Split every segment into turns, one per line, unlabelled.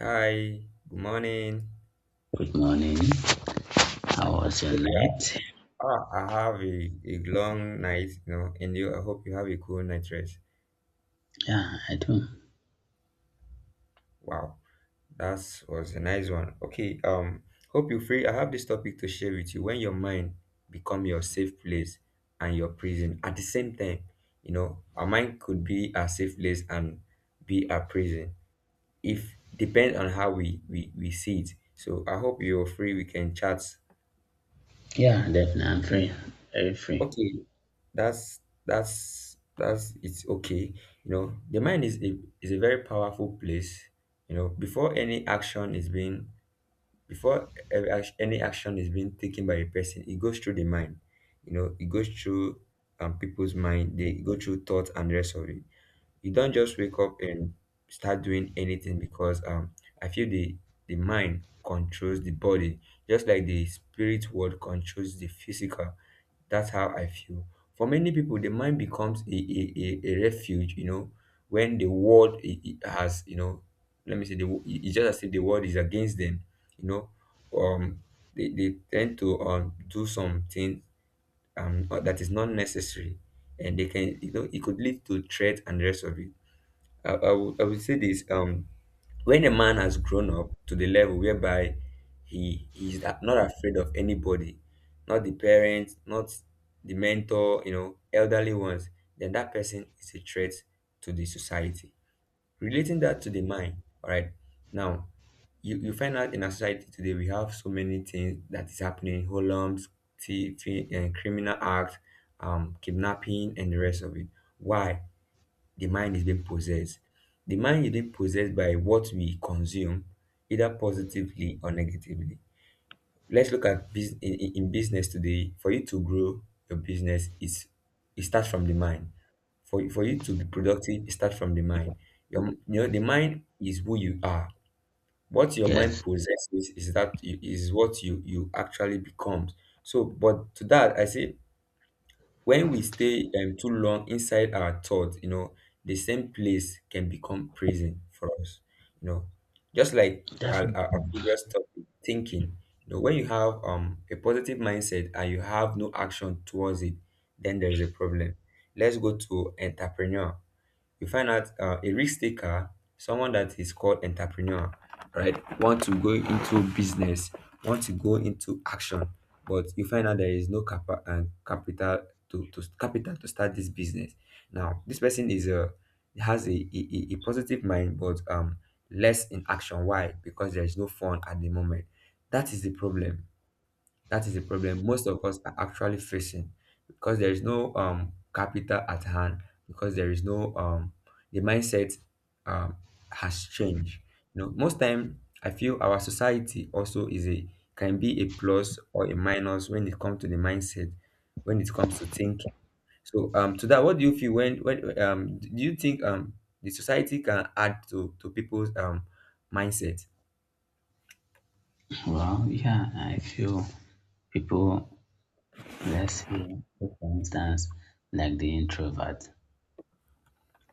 Hi, good morning.
Good morning. How was your
Hope you
night?
I have a long night, and I hope you have a cool night rest.
Yeah, I do.
Wow, that was a nice one. Okay, hope you're free. I have this topic to share with you. When your mind become your safe place and your prison at the same time, our mind could be our safe place and be our prison. If depends on how we see it. So I hope you're free. We can chat.
Yeah, definitely. I'm free. Very free.
Okay, that's that's it's okay. You know, the mind is a very powerful place. You know, before any action is being taken by a person, it goes through the mind. You know, it goes through people's mind. They go through thoughts and the rest of it. You don't just wake up and start doing anything because I feel the mind controls the body just like the spirit world controls the physical. That's how I feel. For many people, the mind becomes a refuge, when the world has, let me say, it's just as if the world is against them, you know. Um, they tend to do something that is not necessary, and they can, you know, it could lead to threat and the rest of it. I would say this. When a man has grown up to the level whereby he is not afraid of anybody, not the parents, not the mentor, elderly ones, then that person is a threat to the society. Relating that to the mind, all right. Now, you find out in our society today we have so many things that is happening, holums, thieving, and criminal acts, kidnapping, and the rest of it. Why? The mind is being possessed. The mind is being possessed by what we consume, either positively or negatively. Let's look at bus- in business today. For you to grow your business, it starts from the mind. For you to be productive, it starts from the mind. The mind is who you are. What your mind
Yes,
possesses is what you actually become. So, but to that, I say, when we stay too long inside our thoughts, the same place can become prison for us. You know, just like our,
definitely.
our, our previous topic, thinking. You know, when you have a positive mindset and you have no action towards it, then there is a problem. Let's go to entrepreneur. You find out a risk taker, someone that is called entrepreneur, right? Want to go into business, want to go into action, but you find out there is no capa- and capital to start this business. Now, this person is a has a positive mind, but less in action. Why? Because there is no fun at the moment. That is the problem. That is the problem most of us are actually facing because there is no capital at hand, because there is no the mindset um has changed. You know, most time I feel our society also is a can be a plus or a minus when it comes to the mindset, when it comes to thinking. So to that, what do you feel when do you think the society can add to people's mindset?
Well, yeah, I feel people, let's say, for instance, like the introvert.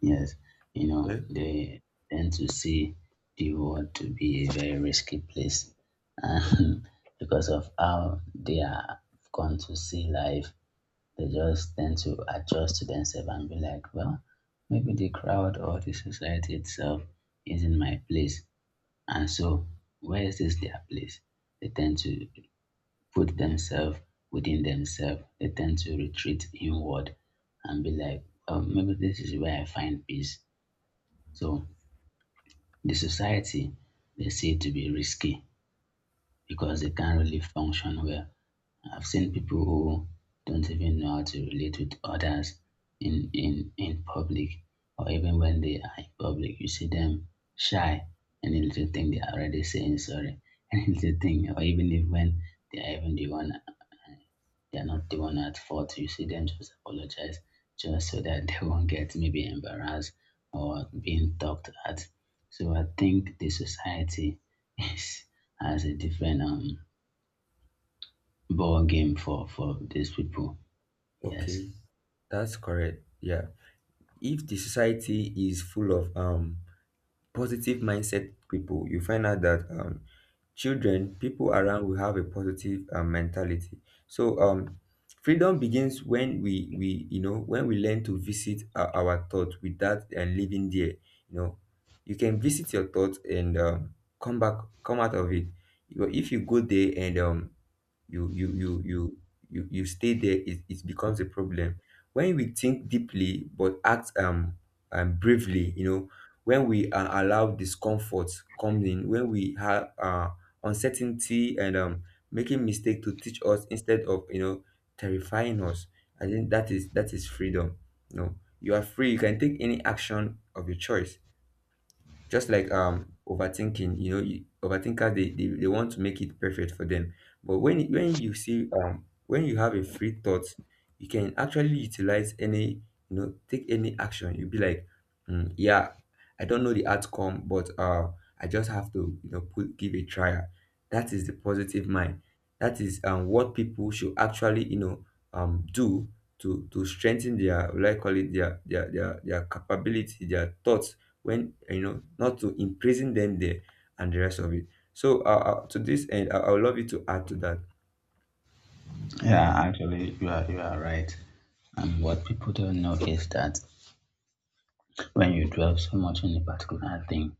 Yes, you
Yeah.
know, they tend to see the world to be a very risky place and because of how they are gone to see life they just tend to adjust to themselves and be like, well, maybe the crowd or the society itself isn't my place. And so, where is this their place? They tend to put themselves within themselves. They tend to retreat inward and be like, oh, maybe this is where I find peace. So, the society, they see it to be risky because they can't really function well. I've seen people who don't even know how to relate with others in public or even when they are in public, you see them shy. Any little thing they are already saying sorry. Any little thing, or even if when they are even the one they are not the one at fault, you see them just apologize just so that they won't get maybe embarrassed or being talked at. So I think the society is has a different ball game for these people. Yes.
Okay, that's correct. Yeah. If the society is full of positive mindset people, you find out that children, people around will have a positive mentality. So freedom begins when we you know when we learn to visit our thought without and living there. You know, you can visit your thought and come out of it. But if you go there and you you you you you stay there, it becomes a problem. When we think deeply but act bravely, you know, when we allow discomfort come in, when we have uncertainty and making mistake to teach us instead of terrifying us, I think that is freedom. You know, you are free. You can take any action of your choice. Just like overthinking, overthinkers, they want to make it perfect for them. But when you have a free thought, you can actually utilize any you know take any action. You'll be like, "Mm, yeah, I don't know the outcome, but I just have to you know put give a trial." That is the positive mind. That is what people should actually do to strengthen their like call it their capability, their thoughts, when you know not to imprison them there and the rest of it. So to this end, I would love you to add to that.
Yeah, actually, you are right. And what people don't know is that when you dwell so much on a particular thing,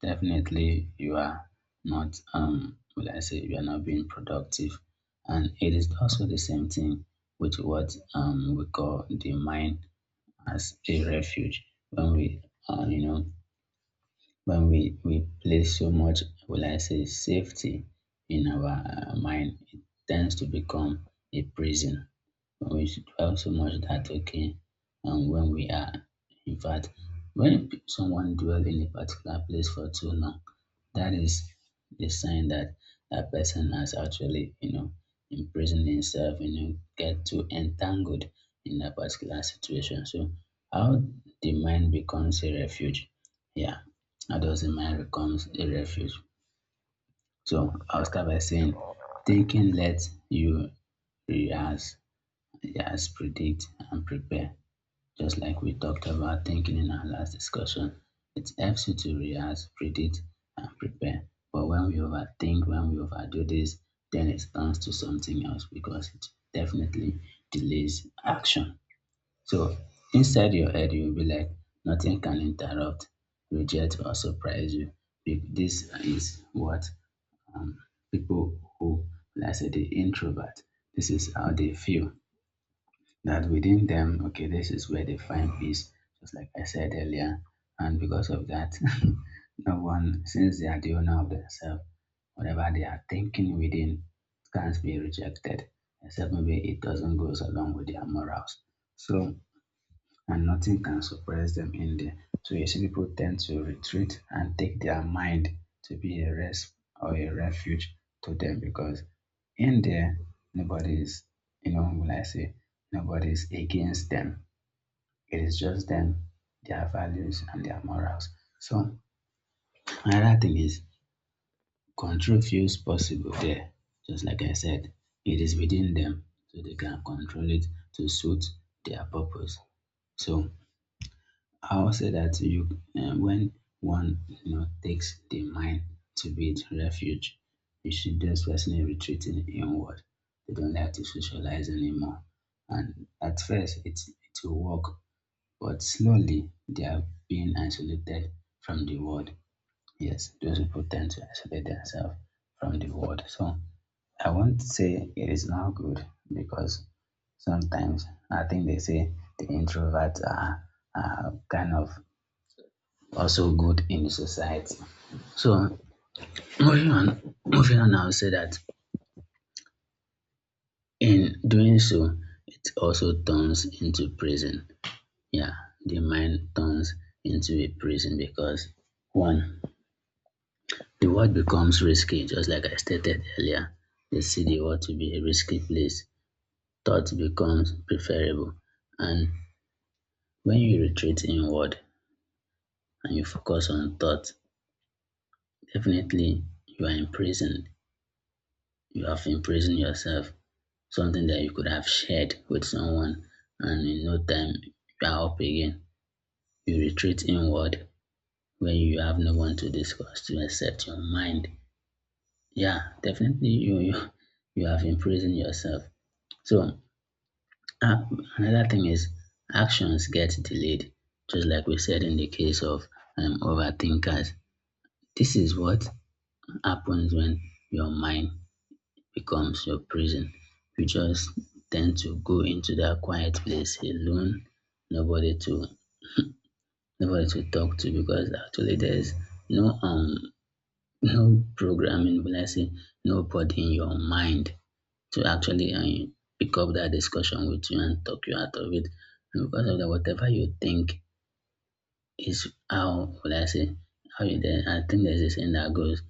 definitely you are not will I say you are not being productive. And it is also the same thing with what we call the mind as a refuge when we you know when we place so much will I say safety in our mind. It tends to become a prison. We should also note that, okay, when we are, in fact, when someone dwell in a particular place for too long, that is the sign that that person has actually, you know, imprisoned himself. You know, get too entangled in that particular situation. So how the mind becomes a refuge. Yeah, how does the mind becomes a refuge? So I'll start by saying thinking lets you rehearse. Yes, predict and prepare. Just like we talked about thinking in our last discussion, it helps you to react, predict, and prepare. But when we overthink, when we overdo this, then it turns to something else because it definitely delays action. So inside your head, you'll be like, nothing can interrupt, reject, or surprise you. This is what um, people who, let's say, the introvert, this is how they feel that within them, okay, this is where they find peace, just like I said earlier. And because of that, no one, since they are the owner of themselves, whatever they are thinking within can't be rejected, except maybe it doesn't go along with their morals. So and nothing can suppress them in there. So you see people tend to retreat and take their mind to be a rest or a refuge to them because in there nobody is, you know, will I say, nobody is against them. It is just them, their values and their morals. So another thing is control feels possible there. Just like I said, it is within them, so they can control it to suit their purpose. So I will say that when one, you know, takes the mind to be its refuge, you should just personally retreating inward. They don't have to socialize anymore. And at first, it will work, but slowly they are being isolated from the world. Yes, those people tend to isolate themselves from the world. So I won't say it is not good because sometimes I think they say the introverts are kind of also good in the society. So moving on, moving on, I'll say that in doing so, it also turns into prison. Yeah, the mind turns into a prison because one, the world becomes risky, just like I stated earlier. They see the world to be a risky place. Thought becomes preferable. And when you retreat inward and you focus on thought, definitely you are imprisoned. You have imprisoned yourself something that you could have shared with someone and in no time you are up again. You retreat inward when you have no one to discuss to accept your mind. Yeah, definitely you have imprisoned yourself. So uh, another thing is actions get delayed, just like we said in the case of overthinkers. This is what happens when your mind becomes your prison. You just tend to go into that quiet place alone, nobody to nobody to talk to because actually there's no no programming, but let's say nobody in your mind to actually pick up that discussion with you and talk you out of it. And because of that, whatever you think is how would I say how you then I think there's a saying that goes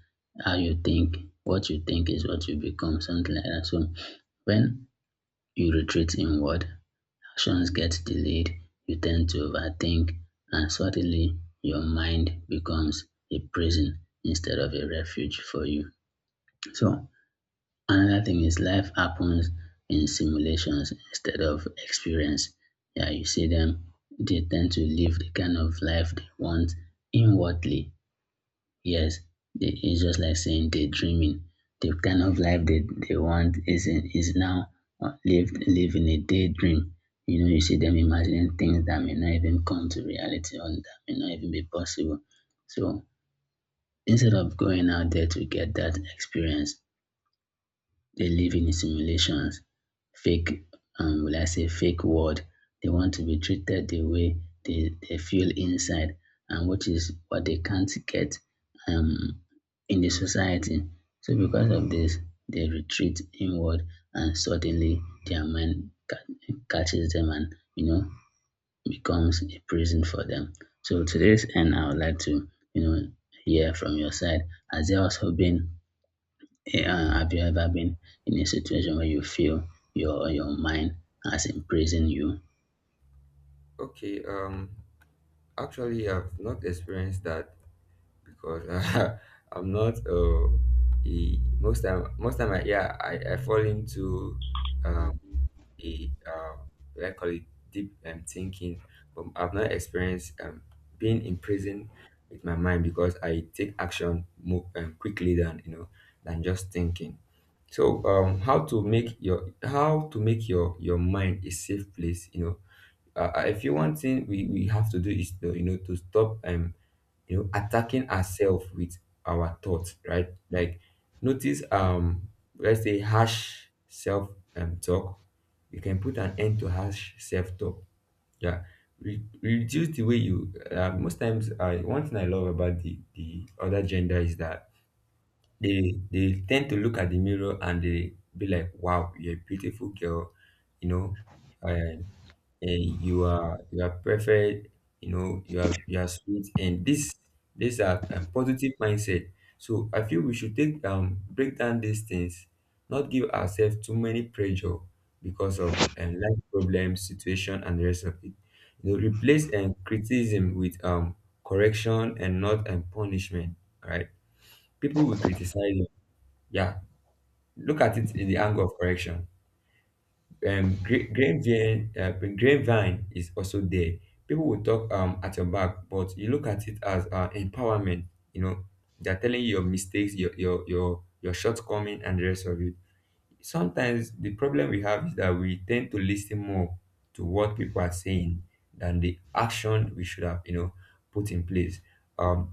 how you think what you think is what you become, something like that. So when you retreat inward, actions get delayed, you tend to overthink, and suddenly your mind becomes a prison instead of a refuge for you. So, another thing is life happens in simulations instead of experience. Yeah, you see them, they tend to live the kind of life they want inwardly. Yes, they, it's just like saying daydreaming. The kind of life that they want is now lived living a daydream. You know, you see them imagining things that may not even come to reality or that may not even be possible. So instead of going out there to get that experience, they live in simulations, fake, will I say, fake world. They want to be treated the way they feel inside, and which is what they can't get um, in the society. So, because of this, they retreat inward, and suddenly their mind catches them and, you know, becomes a prison for them. So, to this end, I would like to, you know, hear from your side. Has there also been yeah, have you ever been in a situation where you feel your mind has imprisoned you?
Okay, actually, I've not experienced that because I'm not most time yeah, I fall into Um. a what I call it deep thinking, but I've not experienced being in prison with my mind because I take action more quickly than you know than just thinking. So how to make your mind a safe place. If you want thing, we have to do is to stop attacking ourselves with our thoughts, right, like, notice, let's say harsh self talk. You can put an end to harsh self talk, yeah. Reduce the way you most times I one thing I love about the other gender is that they tend to look at the mirror, and they be like, "Wow, you're a beautiful girl, you know, uh, and you are perfect. You know, you are sweet." And this these are positive mindset. So I feel we should take break down these things, not give ourselves too many pressure because of life problems situation and the rest of it. You know, replace criticism with correction and not punishment. All right, people will criticize you, yeah. Look at it in the angle of correction. um gra- grapevine uh, grapevine is also there. People will talk at your back, but you look at it as empowerment. You know, they're telling you your mistakes, your shortcoming and the rest of it. Sometimes the problem we have is that we tend to listen more to what people are saying than the action we should have, put in place. um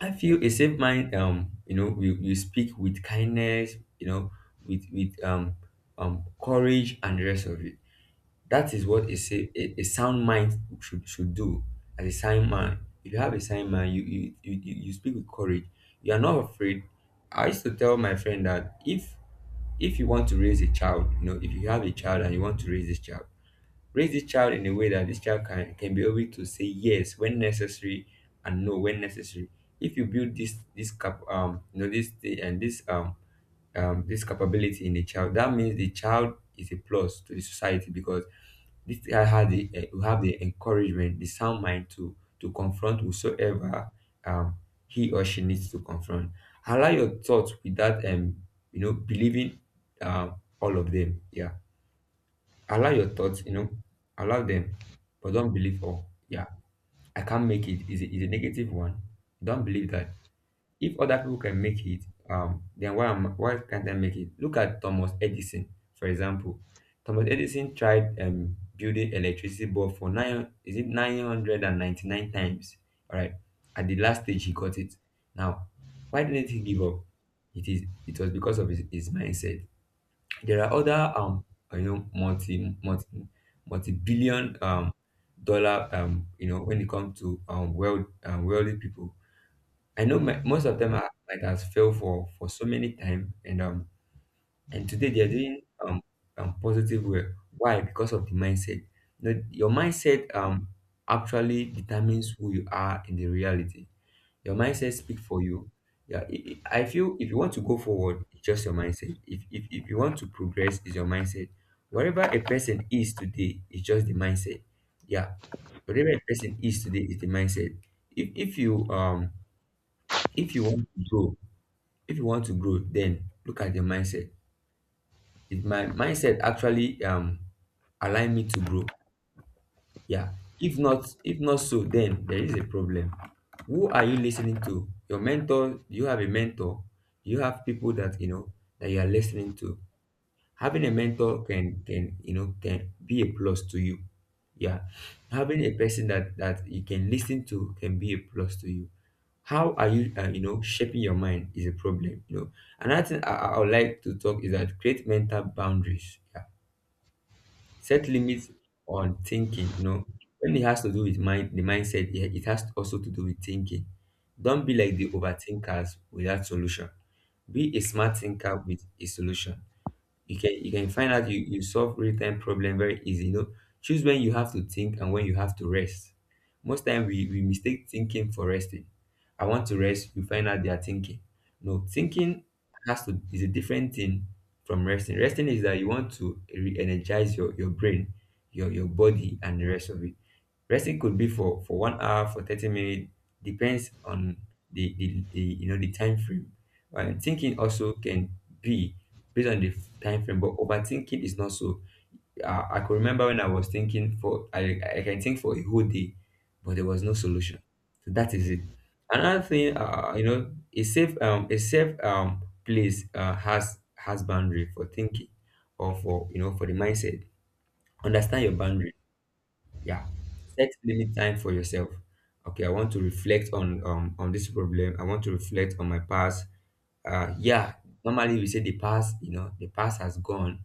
I feel a safe mind, we speak with kindness, you know, with courage and the rest of it. That is what a sound mind should do as a sound mind. If you have a sound mind, you speak with courage. You are not afraid. I used to tell my friend that if you want to raise a child, you know, if you have a child and you want to raise this child in a way that this child can be able to say yes when necessary and no when necessary. If you build this this cap you know this thi- and this this capability in a child, that means the child is a plus to the society because this guy will have the encouragement, the sound mind to confront whosoever um he or she needs to confront. Allow your thoughts without believing all of them. Yeah, allow your thoughts. You know, allow them, but don't believe all. Yeah, "I can't make it" is a negative one. Don't believe that. If other people can make it, then why can't I make it? Look at Thomas Edison, for example. Thomas Edison tried building electricity bulb for nine is it 999 times. All right, at the last stage he got it. Now, why didn't he give up? It was because of his mindset. There are other you know multi multi multi billion dollar when it comes to world wealthy people. I know most of them are like has failed for so many time and today they are doing positive way. Why? Because of the mindset. No, your mindset actually determines who you are in the reality. Your mindset speak for you. Yeah, I feel if you want to go forward, it's just your mindset. If you want to progress, it's your mindset. Wherever a person is today, it's just the mindset. Yeah, whatever a person is today is the mindset. If if you um if you want to grow if you want to grow then look at your mindset. Is my mindset actually align me to grow? Yeah. If not, so then there is a problem. Who are you listening to? Your mentor? Do you have a mentor? Do you have people that you know, that you are listening to? Having a mentor can you know can be a plus to you. Yeah. Having a person that you can listen to can be a plus to you. How are you, you know shaping your mind is a problem. Another thing, I would like to talk is that create mental boundaries. Yeah. Set limits on thinking. When it has to do with mind the mindset, yeah, it has also to do with thinking. Don't be like the overthinkers without solution. Be a smart thinker with a solution. You can find out, you solve real-time problem very easy. Choose when you have to think and when you have to rest. Most time we mistake thinking for resting. I want to rest, you find out they are thinking. No, thinking has to is a different thing from resting. Resting is that you want to re-energize your brain, your body and the rest of it. Resting could be for 1 hour, for 30 minutes, depends on the the time frame. And thinking also can be based on the time frame. But overthinking is not so. I could remember when I was thinking for, I can think for a whole day, but there was no solution. So that is it. Another thing, a safe place, has boundary for thinking, or for the mindset. Understand your boundary. Yeah. Set limit time for yourself. Okay, I want to reflect on, this problem. I want to reflect on my past. Yeah, normally we say, the past, the past has gone.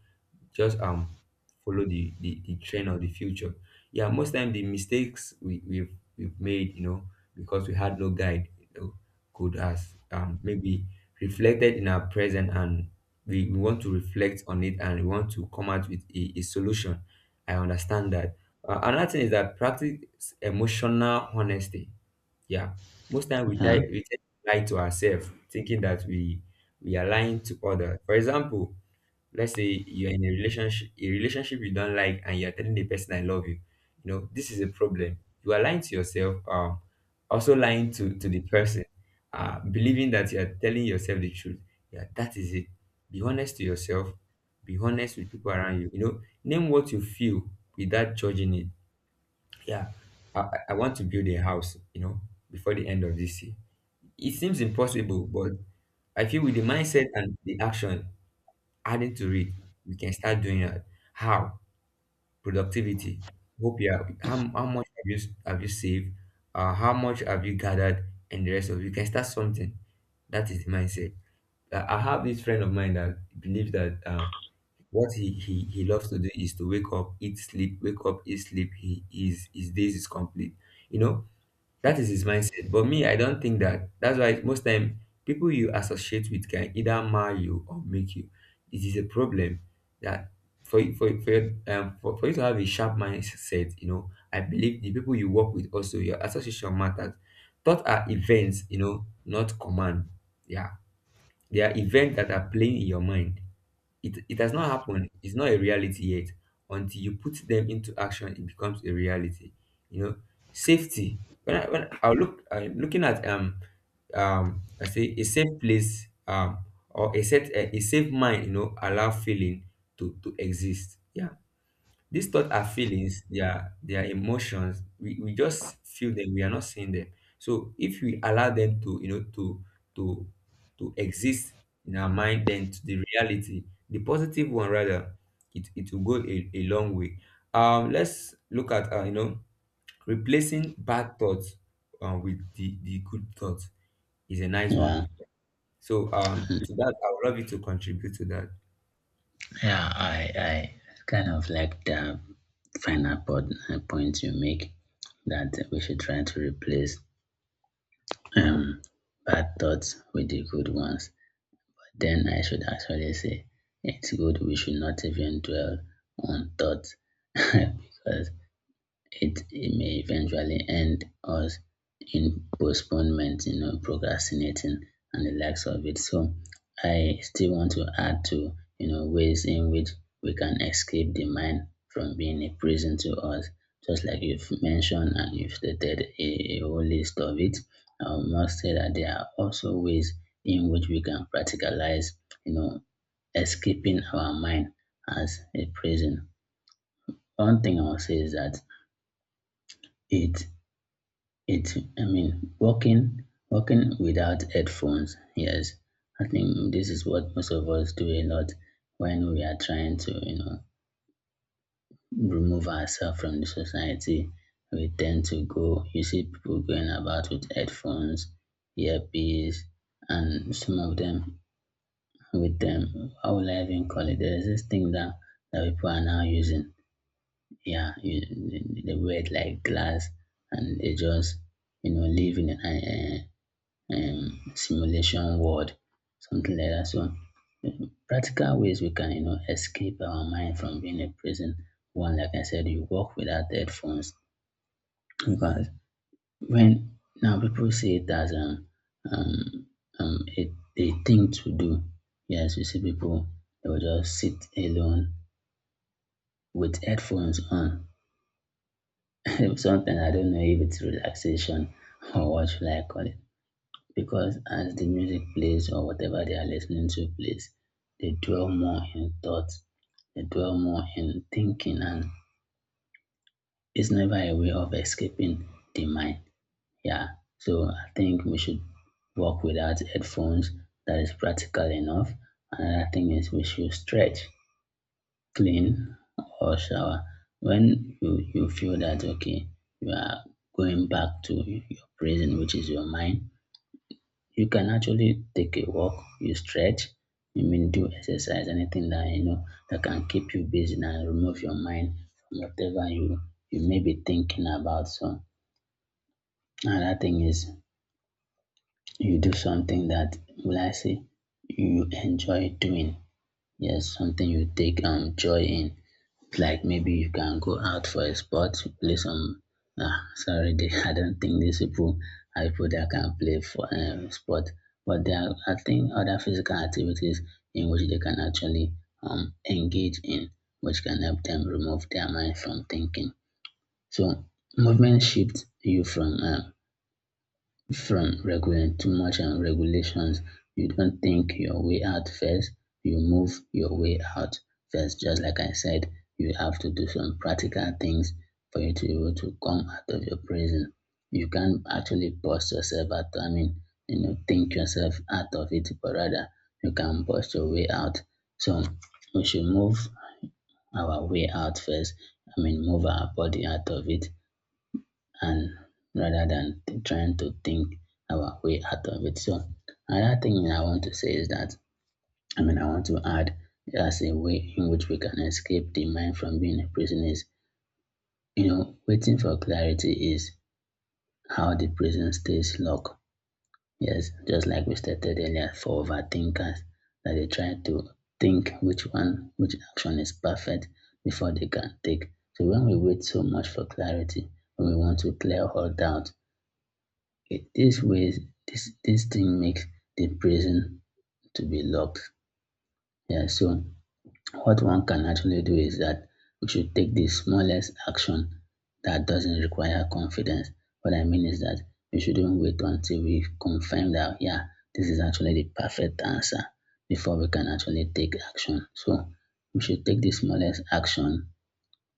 Just follow the trend of the future. Yeah, most time the mistakes we've made, because we had no guide, could has, maybe reflected in our present, and we want to reflect on it, and we want to come out with a solution. I understand that. Another thing is that practice emotional honesty. Yeah. Most time we
Yeah,
tie we tend to lie to ourselves, thinking that we are lying to others. For example, let's say you're in a relationship you don't like, and you're telling the person, I love you. You know, this is a problem. You are lying to yourself, also lying to the person, believing that you are telling yourself the truth. Yeah, that is it. Be honest to yourself. Be honest with people around you. You know, name what you feel without judging it. Yeah, I want to build a house, you know, before the end of this year. It seems impossible, but I feel with the mindset and the action adding to it, we can start doing that. How? Productivity. Hope you are, how much have you, saved? How much have you gathered and the rest of it. You can start something. That is the mindset. I have this friend of mine that believes that, what he loves to do is to wake up, eat, sleep, wake up, eat, sleep. His days is complete. You know, that is his mindset. But me, I don't think that. That's why most time people you associate with can either mar you or make you. It is a problem that, for you- for your, for you to have a sharp mindset, you know, I believe the people you work with, also your association matters. Thought are events, you know, not command. Yeah, they are events that are playing in your mind. It has not happened. It's not a reality yet. Until you put them into action, it becomes a reality. You know, safety. When I look, I'm looking at, I say a safe place, or a set, a safe mind. You know, allow feeling to exist. Yeah. These thoughts are feelings, they are emotions. We just feel them, we are not seeing them. So if we allow them to, you know, to to exist in our mind, then to the reality, the positive one rather, it will go a long way. Let's look at, replacing bad thoughts, with the good thoughts is a nice
yeah,
one. So, to that, I would love you to contribute to that.
yeah. I kind of like the final point, you make that we should try to replace um bad thoughts with the good ones. Then I should actually say it's good we should not even dwell on thoughts because it may eventually end us in postponement, you know, procrastinating and the likes of it. So I still want to add to, you know, ways in which we can escape the mind from being a prison to us, just like you've mentioned and you've stated a whole list of it. I must say that there are also ways in which we can practicalize, you know, escaping our mind as a prison. One thing I will say is that it It I mean, walking without headphones, yes. I think this is what most of us do a lot when we are trying to, you know, remove ourselves from the society. We tend to go, you see people going about with headphones, earpiece, and some of them with them, how will I even call it? There is this thing that people are now using. Yeah, they wear it like glass and they just, you know, live in a, simulation world, something like that. So practical ways we can, you know, escape our mind from being a prison. One, like I said, you walk without headphones because when now people see it as um, a thing to do. Yes, you see people they will just sit alone with headphones on. Sometimes I don't know if it's relaxation or what should I call it, because as the music plays or whatever they are listening to plays, they dwell more in thought, they dwell more in thinking, and it's never a way of escaping the mind. Yeah, so I think we should work without headphones. That is practical enough. Another thing is we should stretch, clean, or shower. When you feel that okay, you are going back to your prison, which is your mind, you can actually take a walk, you stretch, you mean do exercise, anything that you know that can keep you busy and remove your mind from whatever you you may be thinking about. So another thing is you do something that will I say you enjoy doing. Yes, something you take joy in. Like maybe you can go out for a sport, play some. Ah, sorry, they, I don't think these people are people that can play for sport, but there are, I think, other physical activities in which they can actually engage in, which can help them remove their mind from thinking. So, movement shifts you from regulating too much and regulations. You don't think your way out first, you move your way out first. Just like I said, you have to do some practical things for you to be able to come out of your prison. You can't actually boss yourself out. I mean, you know, think yourself out of it, but rather you can boss your way out. So we should move our way out first. I mean, move our body out of it and rather than trying to think our way out of it. So another thing I want to say is that I mean I want to add as a way in which we can escape the mind from being a prison is, you know, waiting for clarity is how the prison stays locked. Yes, just like we stated earlier for overthinkers that they try to think which action is perfect before they can take. So when we wait so much for clarity, when we want to clear all doubt, it this way, this thing makes the prison to be locked. Yeah. So what one can actually do is that we should take the smallest action that doesn't require confidence. What I mean is that we shouldn't wait until we confirm that, yeah, this is actually the perfect answer before we can actually take action. So we should take the smallest action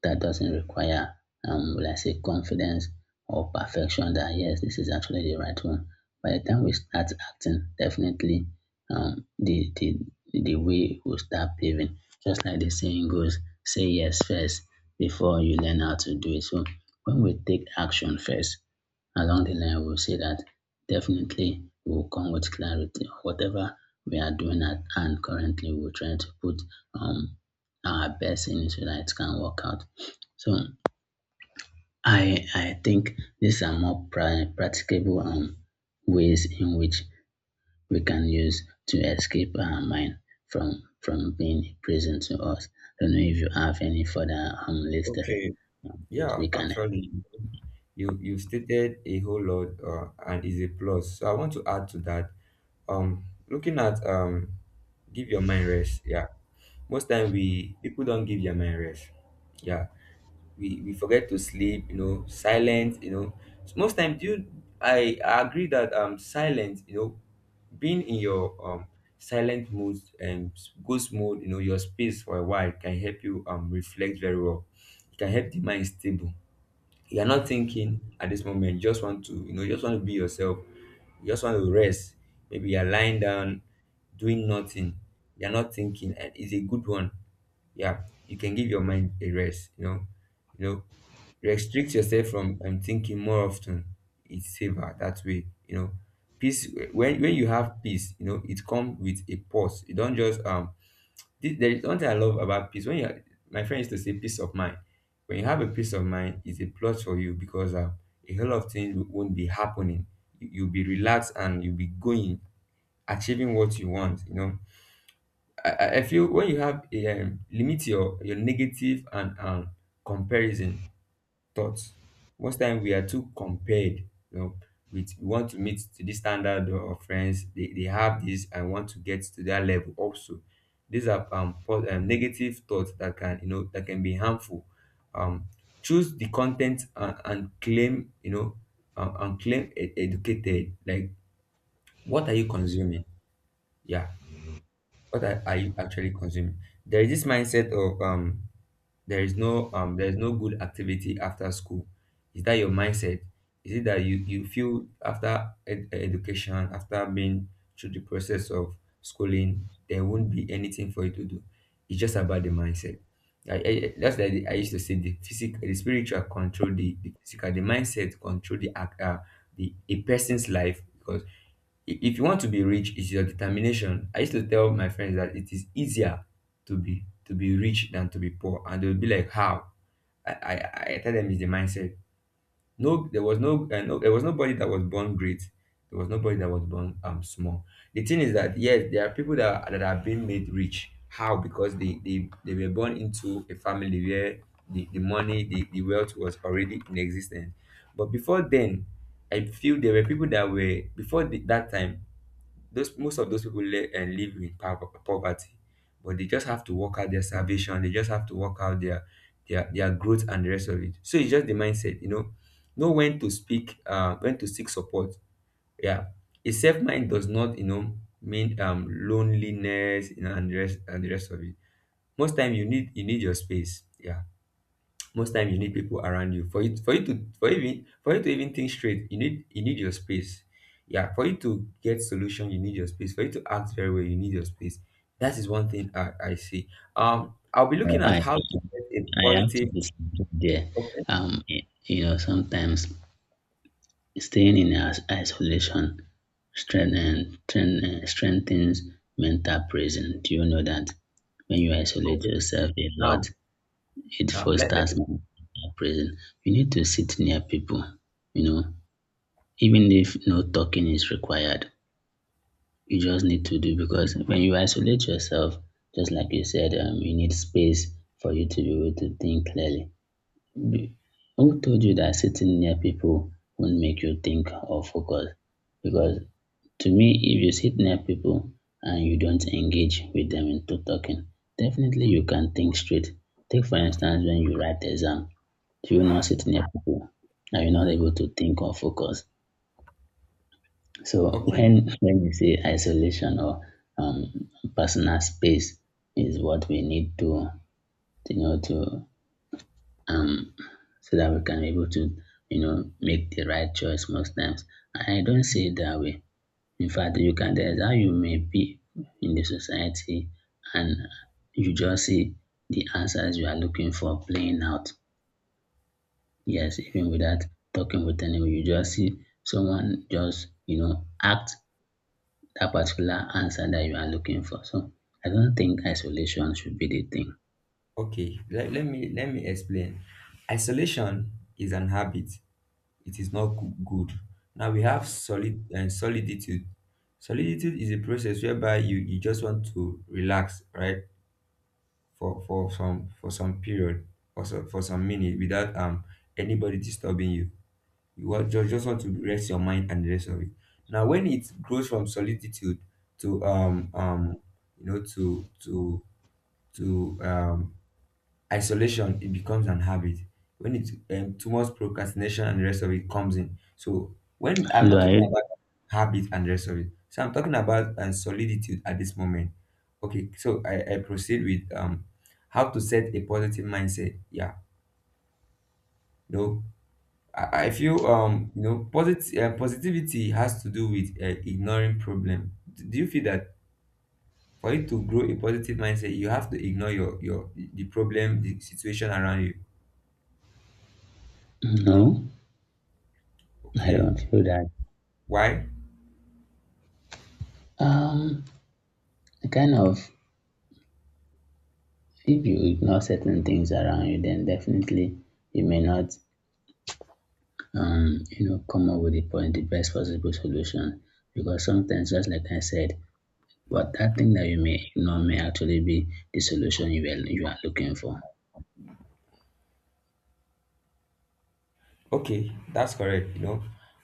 that doesn't require, will I say, confidence or perfection, that yes, this is actually the right one. By the time we start acting, definitely um the the the way will start paving. Just like the saying goes, say yes first before you learn how to do it. So when we take action first, along the line we'll see that definitely will come with clarity. Whatever we are doing at hand currently, we're trying to put um our best in it so that it can work out. So I think these are more practicable ways in which we can use to escape our mind from being a prison to us. I don't know if you have any further listed
Okay.
that
Yeah,
we can
actually, you stated a whole lot, and is a plus. So I want to add to that. Um, Looking at, give your mind rest. Yeah, most time we people don't give their mind rest. Yeah, we forget to sleep. You know, silence. You know, so most time, I agree that, silence. You know, being in your silent mode, and ghost mode. You know, your space for a while can help you reflect very well. It can help the mind stable. You're not thinking at this moment, you just want to, you just want to be yourself, you just want to rest. Maybe you're lying down, doing nothing, you're not thinking, and it's a good one. Yeah, you can give your mind a rest, you know. you know Restrict yourself from, thinking more often. It's safer that way. Peace. When you have peace, you know, it comes with a pause. You don't just, there is one thing I love about peace. My friend used to say, peace of mind. When you have a peace of mind, it's a plus for you because, a whole lot of things won't be happening. You'll be relaxed and you'll be going, achieving what you want. You know, I feel when you have a limit your negative and, comparison thoughts. Most time we are too compared, you know, with, we want to meet to this standard of friends. They have this and want to get to that level also. These are, negative thoughts that can, that can be harmful. Um, Choose the content, and claim, and claim educated. Like, what are you consuming? Yeah, what are you actually consuming? There is this mindset of, there is no good activity after school. Is that your mindset? Is it that you feel after, education, after being through the process of schooling, there won't be anything for you to do. It's just about the mindset. That's like I used to say, the physical, the spiritual control the physical, the mindset control the act, the a person's life, because if you want to be rich, it's your determination. I used to tell my friends that it is easier to be rich than to be poor, and they would be like, how? I tell them, it's the mindset. No, there was no, no there was nobody that was born great. There was nobody that was born small. The thing is that, yes, there are people that that have been made rich. How? Because they were born into a family where the money, the wealth was already in existence. But before then, I feel there were people that were before that time. Those Most of those people le- and live in poverty. But they just have to work out their salvation, they just have to work out their growth and the rest of it. So it's just the mindset, you know when to speak, when to seek support. Yeah. A safe mind does not, mean loneliness, you know, and the rest, and the rest of it. Most time you need your space. Yeah, most time you need people around you, for you for you to for even for you to even think straight. You need your space. Yeah, for you to get solution, you need your space for you to act very well you need your space. That is one thing I see. I'll be
explore.
looking at how to get a
I have to
positive.
be something there.
Okay.
You know, sometimes staying in isolation strengthens mental prison. Do you know that? When you isolate
Okay.
yourself a lot,
now
it
now let,
fosters
let
present. You need to sit near people, you know, even if no talking is required, you just need to do. Because when you isolate yourself, just like you said, you need space for you to be able to think clearly. B- Who told you that sitting near people won't make you think or focus? Because to me, if you sit near people and you don't engage with them into talking, definitely you can think straight. Take for instance when you write exam, you are not sitting near people and you're not able to think or focus. So
Okay.
when you say isolation or um, personal space is what we need to, you know, to um, so that we can be able to, you know, make the right choice most times. I don't say it that way. In fact, you can, there's how you may be in the society and you just see the answers you are looking for playing out. Yes, even without talking with anyone, you just see someone just, you know, act that particular answer that you are looking for. So I don't think isolation should be the thing.
Let me explain. Isolation is an habit, it is not good. Now we have solid and soliditude. Soliditude is a process whereby you just want to relax, right? For some period or so, for some minute without anybody disturbing you. You want, just want to rest your mind and the rest of it. Now when it grows from soliditude to you know to to to um isolation, it becomes an habit when it's too much procrastination and the rest of it comes in. So when I'm
Hello,
not
are
talking
you?
about habit and the rest of it, so I'm talking about soliditude at this moment. Okay, so I proceed with how to set a positive mindset. Yeah. No, I feel you know positivity has to do with ignoring problem. Do you feel that for you to grow a positive mindset you have to ignore your the problem, the situation around you?
No, I
Okay,
don't feel that.
why?
Um, kind of, if you ignore certain things around you, then definitely you may not, you know, come up with the point, the best possible solution. Because sometimes, just like I said, what that thing that you may ignore may actually be the solution you are looking for.
Okay, that's correct. You know,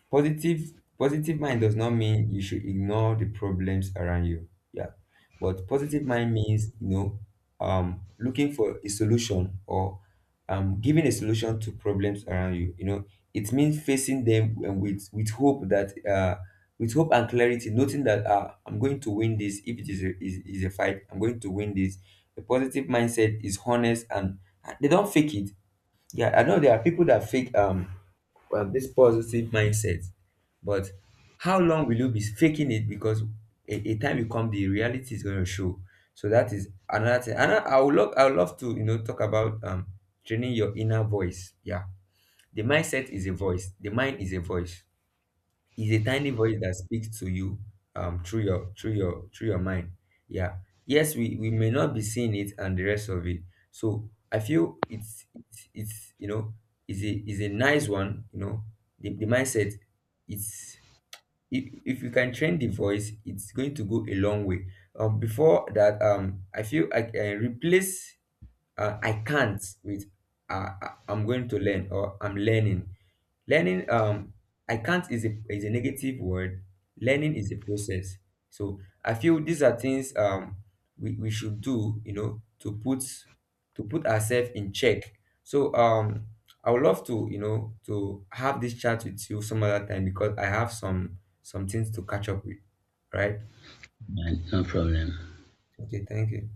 positive positive mind does not mean you should ignore the problems around you. Yeah. But positive mind means, you know, looking for a solution or giving a solution to problems around you. You know, it means facing them and with hope that with hope and clarity, noting that I'm going to win this. If it is a fight, I'm going to win this. The positive mindset is honest and they don't fake it. Yeah, I know there are people that fake well, this positive mindset. But how long will you be faking it? Because a time will come, the reality is going to show. So that is another thing. And I would love to, you know, talk about training your inner voice. Yeah, the mindset is a voice. The mind is a voice, is a tiny voice that speaks to you through your mind. Yeah. Yes, we may not be seeing it and the rest of it. So I feel it's you know is a nice one, you know, the mindset. It's, if you can train the voice, it's going to go a long way. Before that I feel I can replace I can't with I'm going to learn, or I'm learning. Learning, um, I can't is a, negative word. Learning is a process. So I feel these are things we should do, you know, to put ourselves in check. So I would love to, you know, to have this chat with you some other time because I have some things to catch up with. Right?
Right, no problem.
Okay, thank you.